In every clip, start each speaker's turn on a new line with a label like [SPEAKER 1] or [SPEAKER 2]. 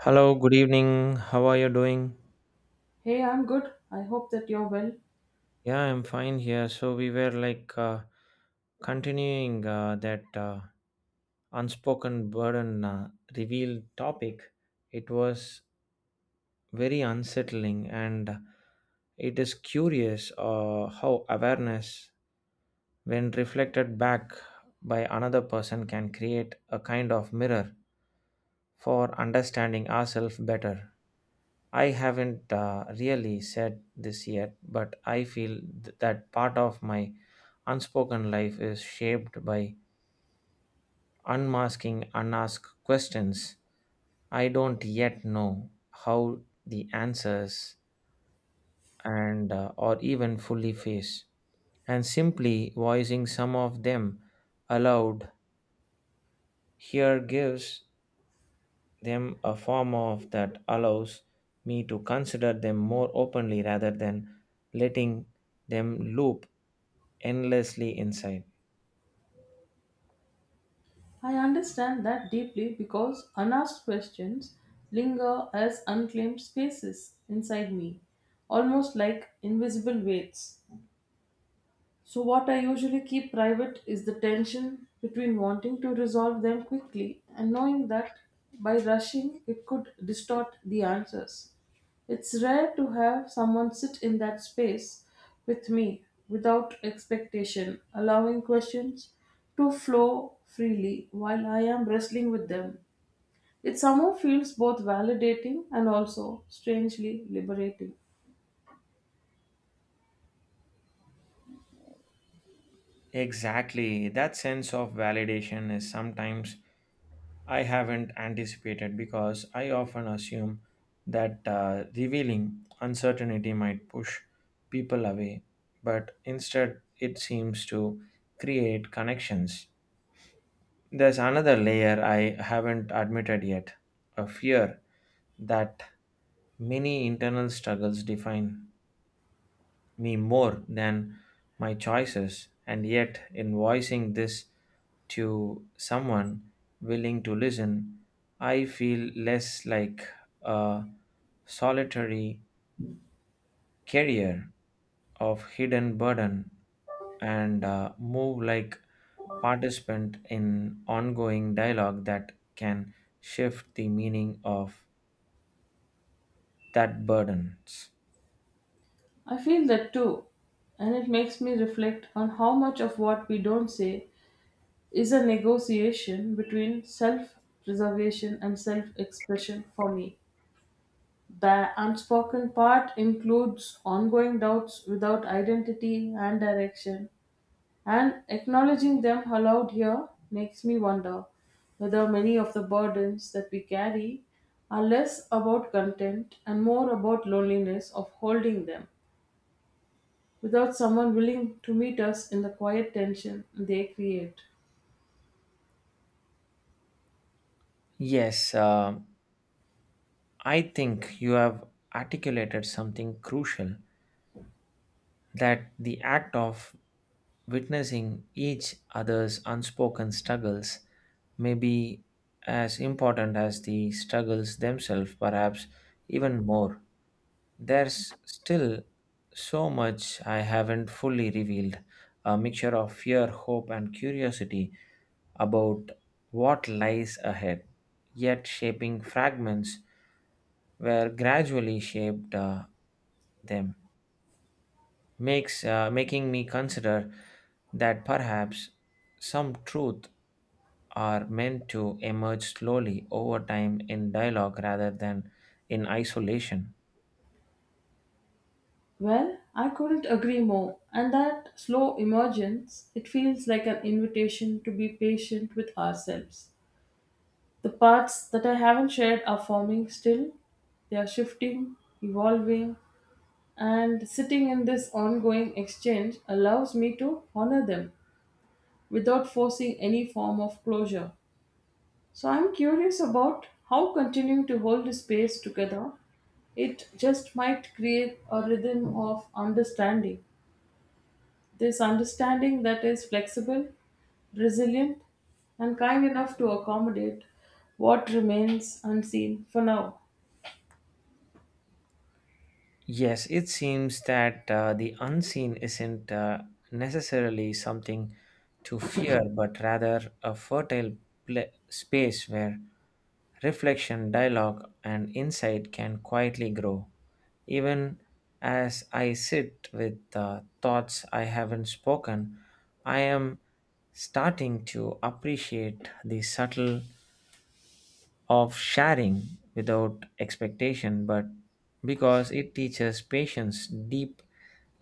[SPEAKER 1] Hello, good evening. How are you doing?
[SPEAKER 2] Hey, I'm good. I hope that you're well.
[SPEAKER 1] Yeah, I'm fine here. So we were like continuing that unspoken burden reveal topic. It was very unsettling, and it is curious how awareness when reflected back by another person can create a kind of mirror for understanding ourselves better. I haven't really said this yet, but I feel that part of my unspoken life is shaped by unmasking unasked questions. I don't yet know how the answers and or even fully face and simply voicing some of them aloud here gives them a form of that allows me to consider them more openly rather than letting them loop endlessly inside
[SPEAKER 2] I understand that deeply because unasked questions linger as unclaimed spaces inside me, almost like invisible weights. So, what I usually keep private is the tension between wanting to resolve them quickly and knowing that by rushing it could distort the answers. It's rare to have someone sit in that space with me without expectation, allowing questions to flow freely while I am wrestling with them. It somehow feels both validating and also strangely liberating.
[SPEAKER 1] exactly that sense of validation is sometimes I haven't anticipated because I often assume that revealing uncertainty might push people away, but instead it seems to create connections. There's another layer I haven't admitted yet a fear that many internal struggles define me more than my choices, and yet in voicing this to someone willing to listen, I feel less like a solitary carrier of hidden burden and move like participant in ongoing dialogue that can shift the meaning of that burdens
[SPEAKER 2] I feel that too, and it makes me reflect on how much of what we don't say is a negotiation between self preservation and self expression for me. The unspoken part includes ongoing doubts without identity and direction, and acknowledging them aloud here makes me wonder whether many of the burdens that we carry are less about content and more about loneliness of holding them, without someone willing to meet us in the quiet tension they create.
[SPEAKER 1] yes, I think you have articulated something crucial that the act of witnessing each other's unspoken struggles may be as important as the struggles themselves, perhaps even more. There's still so much I haven't fully revealed a mixture of fear, hope, and curiosity about what lies ahead, yet shaping fragments were gradually shaped them makes making me consider that perhaps some truth are meant to emerge slowly over time in dialogue rather than in isolation.
[SPEAKER 2] Well, I couldn't agree more, and that slow emergence, it feels like an invitation to be patient with ourselves. The parts that I haven't shared are forming still, they are shifting, evolving, and sitting in this ongoing exchange allows me to honor them without forcing any form of closure. So I'm curious about how continuing to hold the space together, it just might create a rhythm of understanding. This understanding that is flexible, resilient, and kind enough to accommodate what remains unseen for now.
[SPEAKER 1] Yes, it seems that the unseen isn't necessarily something to fear, but rather a fertile pla space where reflection, dialogue, and insight can quietly grow. Even as I sit with thoughts I haven't spoken, I am starting to appreciate the subtle of sharing without expectation, but because it teaches patience, deep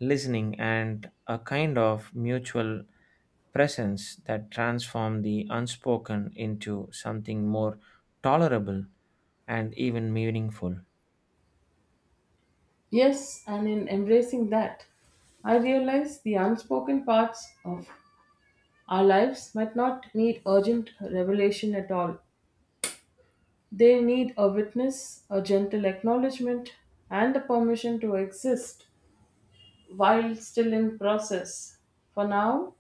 [SPEAKER 1] listening, and a kind of mutual presence that transform the unspoken into something more tolerable and even meaningful.
[SPEAKER 2] Yes, and in embracing that, I realize the unspoken parts of our lives might not need urgent revelation at all. They need a witness, a gentle acknowledgement, and the permission to exist while still in process. For now,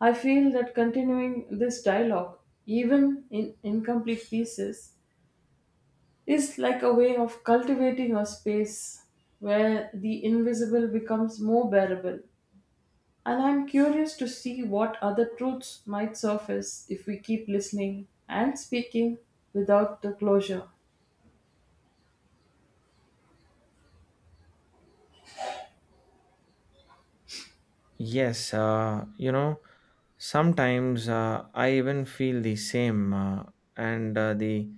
[SPEAKER 2] I feel that continuing this dialogue, even in incomplete pieces, is like a way of cultivating a space where the invisible becomes more bearable. And I'm curious to see what other truths might surface if we keep listening and speaking without the closure.
[SPEAKER 1] Yes, you know, sometimes I even feel the same, and the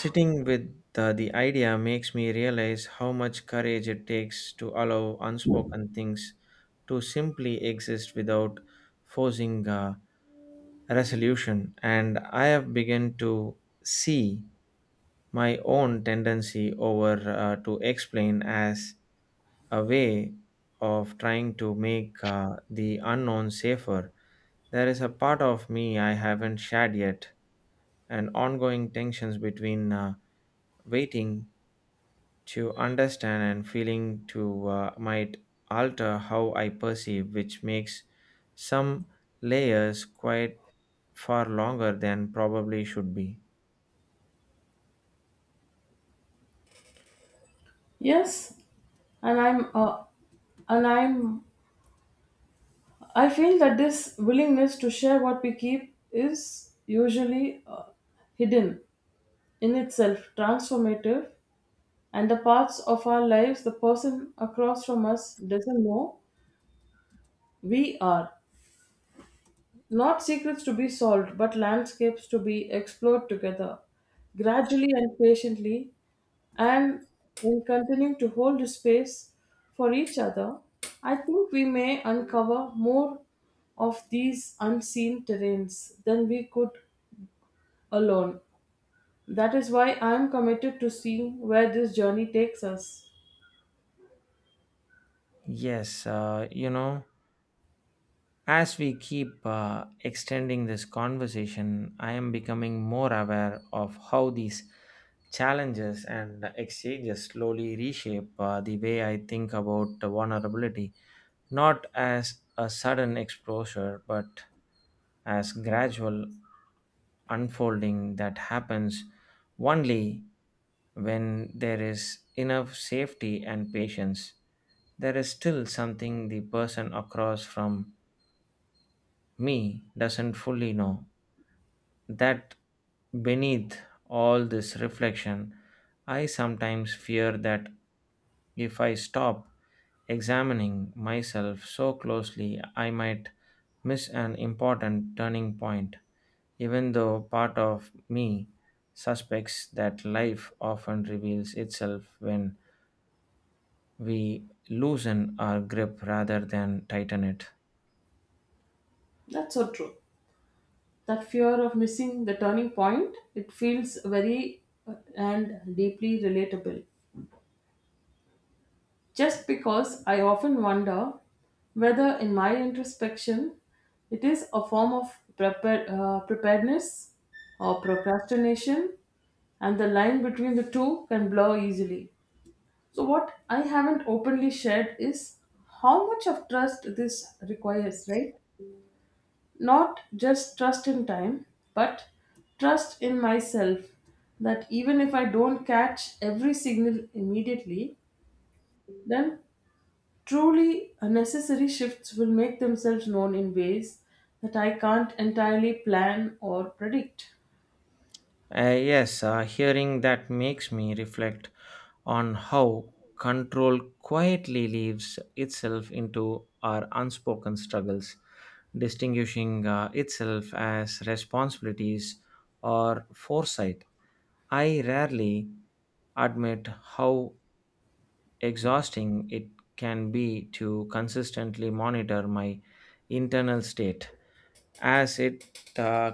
[SPEAKER 1] sitting with the idea makes me realize how much courage it takes to allow unspoken things to simply exist without forcing a resolution. And I have begun to see my own tendency over to explain as a way of trying to make the unknown safer. There is a part of me I haven't shared yet, and ongoing tensions between. Waiting to understand and feeling to might alter how I perceive, which makes some layers quite far longer than probably should be.
[SPEAKER 2] Yes, and I'm uh, and I'm I feel that this willingness to share what we keep is usually hidden in itself, transformative, and the parts of our lives the person across from us doesn't know we are. Not secrets to be solved, but landscapes to be explored together. Gradually and patiently, and in continuing to hold space for each other, I think we may uncover more of these unseen terrains than we could alone. That is why I am committed to seeing where this journey takes us.
[SPEAKER 1] Yes, you know. As we keep extending this conversation, I am becoming more aware of how these challenges and exchanges slowly reshape the way I think about vulnerability, not as a sudden exposure, but as gradual unfolding that happens only when there is enough safety and patience. There is still something the person across from me doesn't fully know that beneath all this reflection, I sometimes fear that if I stop examining myself so closely, I might miss an important turning point, even though part of me suspects that life often reveals itself when we loosen our grip rather than tighten it.
[SPEAKER 2] That's so true. That fear of missing the turning point, it feels very and deeply relatable. Just because I often wonder whether, in my introspection, it is a form of preparedness or procrastination, and the line between the two can blur easily. So, what I haven't openly shared is how much of trust this requires, right? Not just trust in time, but trust in myself that even if I don't catch every signal immediately, then truly, unnecessary shifts will make themselves known in ways that I can't entirely plan or predict.
[SPEAKER 1] Yes, hearing that makes me reflect on how control quietly leaves itself into our unspoken struggles, distinguishing itself as responsibilities or foresight. I rarely admit how exhausting it can be to consistently monitor my internal state as it, uh,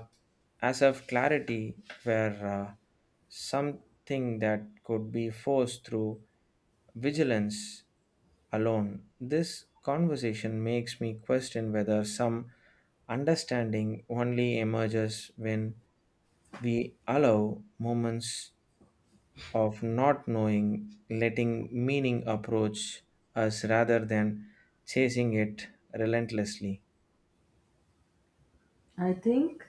[SPEAKER 1] as if clarity were, uh, something that could be forced through vigilance alone. This conversation makes me question whether some understanding only emerges when we allow moments of not knowing, letting meaning approach us rather than chasing it relentlessly.
[SPEAKER 2] I think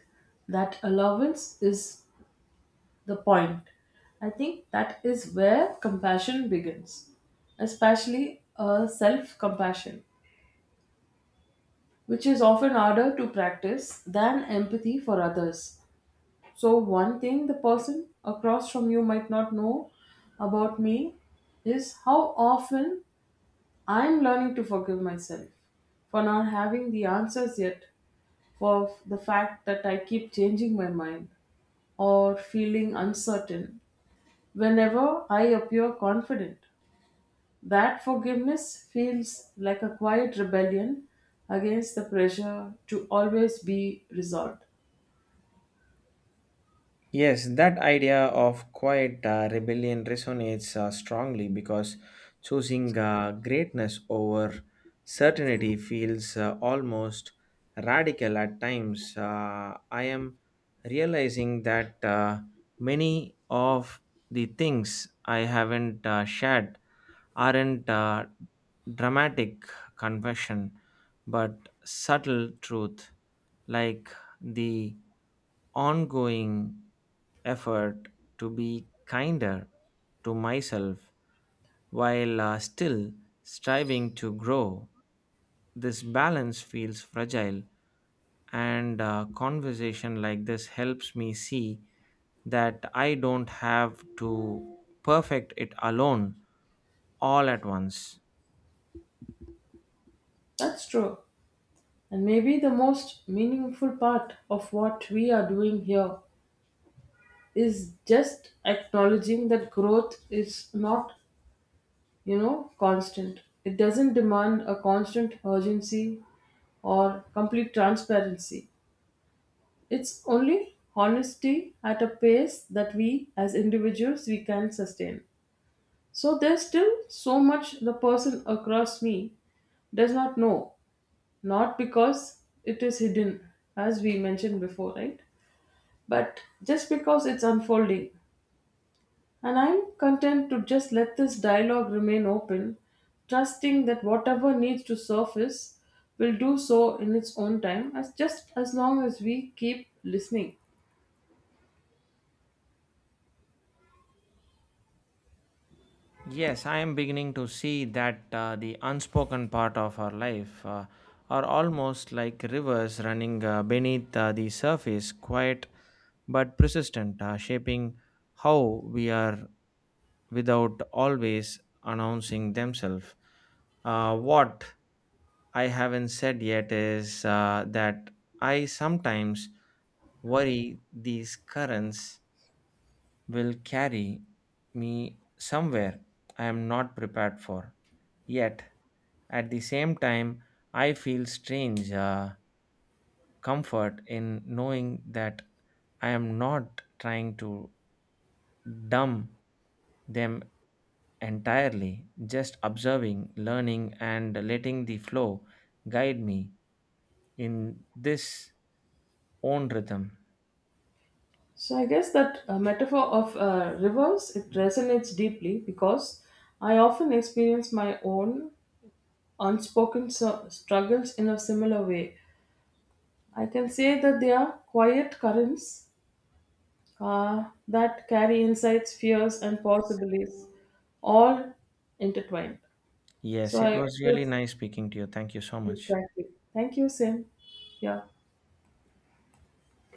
[SPEAKER 2] that allowance is the point. I think that is where compassion begins, especially a self compassion, which is often harder to practice than empathy for others. So, one thing the person across from you might not know about me is how often I'm learning to forgive myself for not having the answers yet, for the fact that I keep changing my mind or feeling uncertain whenever I appear confident. That forgiveness feels like a quiet rebellion against the pressure to always be resolved.
[SPEAKER 1] Yes, that idea of quiet rebellion resonates strongly because choosing greatness over certainty feels almost radical at times. I am realizing that many of the things I haven't shared aren't dramatic confession but subtle truth like the ongoing effort to be kinder to myself while still striving to grow. This balance feels fragile, and a conversation like this helps me see that I don't have to perfect it alone all at once.
[SPEAKER 2] That's true. And maybe the most meaningful part of what we are doing here is just acknowledging that growth is not, constant. It doesn't demand a constant urgency or complete transparency. It's only honesty at a pace that we as individuals we can sustain. So there's still so much the person across me does not know, not because it is hidden, as we mentioned before, right? But just because it's unfolding, and I'm content to just let this dialogue remain open, trusting that whatever needs to surface will do so in its own time, as just as long as we keep listening.
[SPEAKER 1] Yes, I am beginning to see that the unspoken part of our life are almost like rivers running beneath the surface, quiet but persistent, shaping how we are without always announcing themselves. What I haven't said yet is that I sometimes worry these currents will carry me somewhere I am not prepared for. Yet, at the same time, I feel strange comfort in knowing that I am not trying to dumb them entirely, just observing, learning, and letting the flow guide me in this own rhythm.
[SPEAKER 2] So I guess that metaphor of rivers it resonates deeply because I often experience my own unspoken struggles in a similar way. I can say that they are quiet currents that carry insights, fears, and possibilities, all intertwined.
[SPEAKER 1] Yes,
[SPEAKER 2] So
[SPEAKER 1] it
[SPEAKER 2] I,
[SPEAKER 1] was really
[SPEAKER 2] yes,
[SPEAKER 1] nice speaking to you. Thank you so much.
[SPEAKER 2] exactly. Thank you, Sim. Yeah.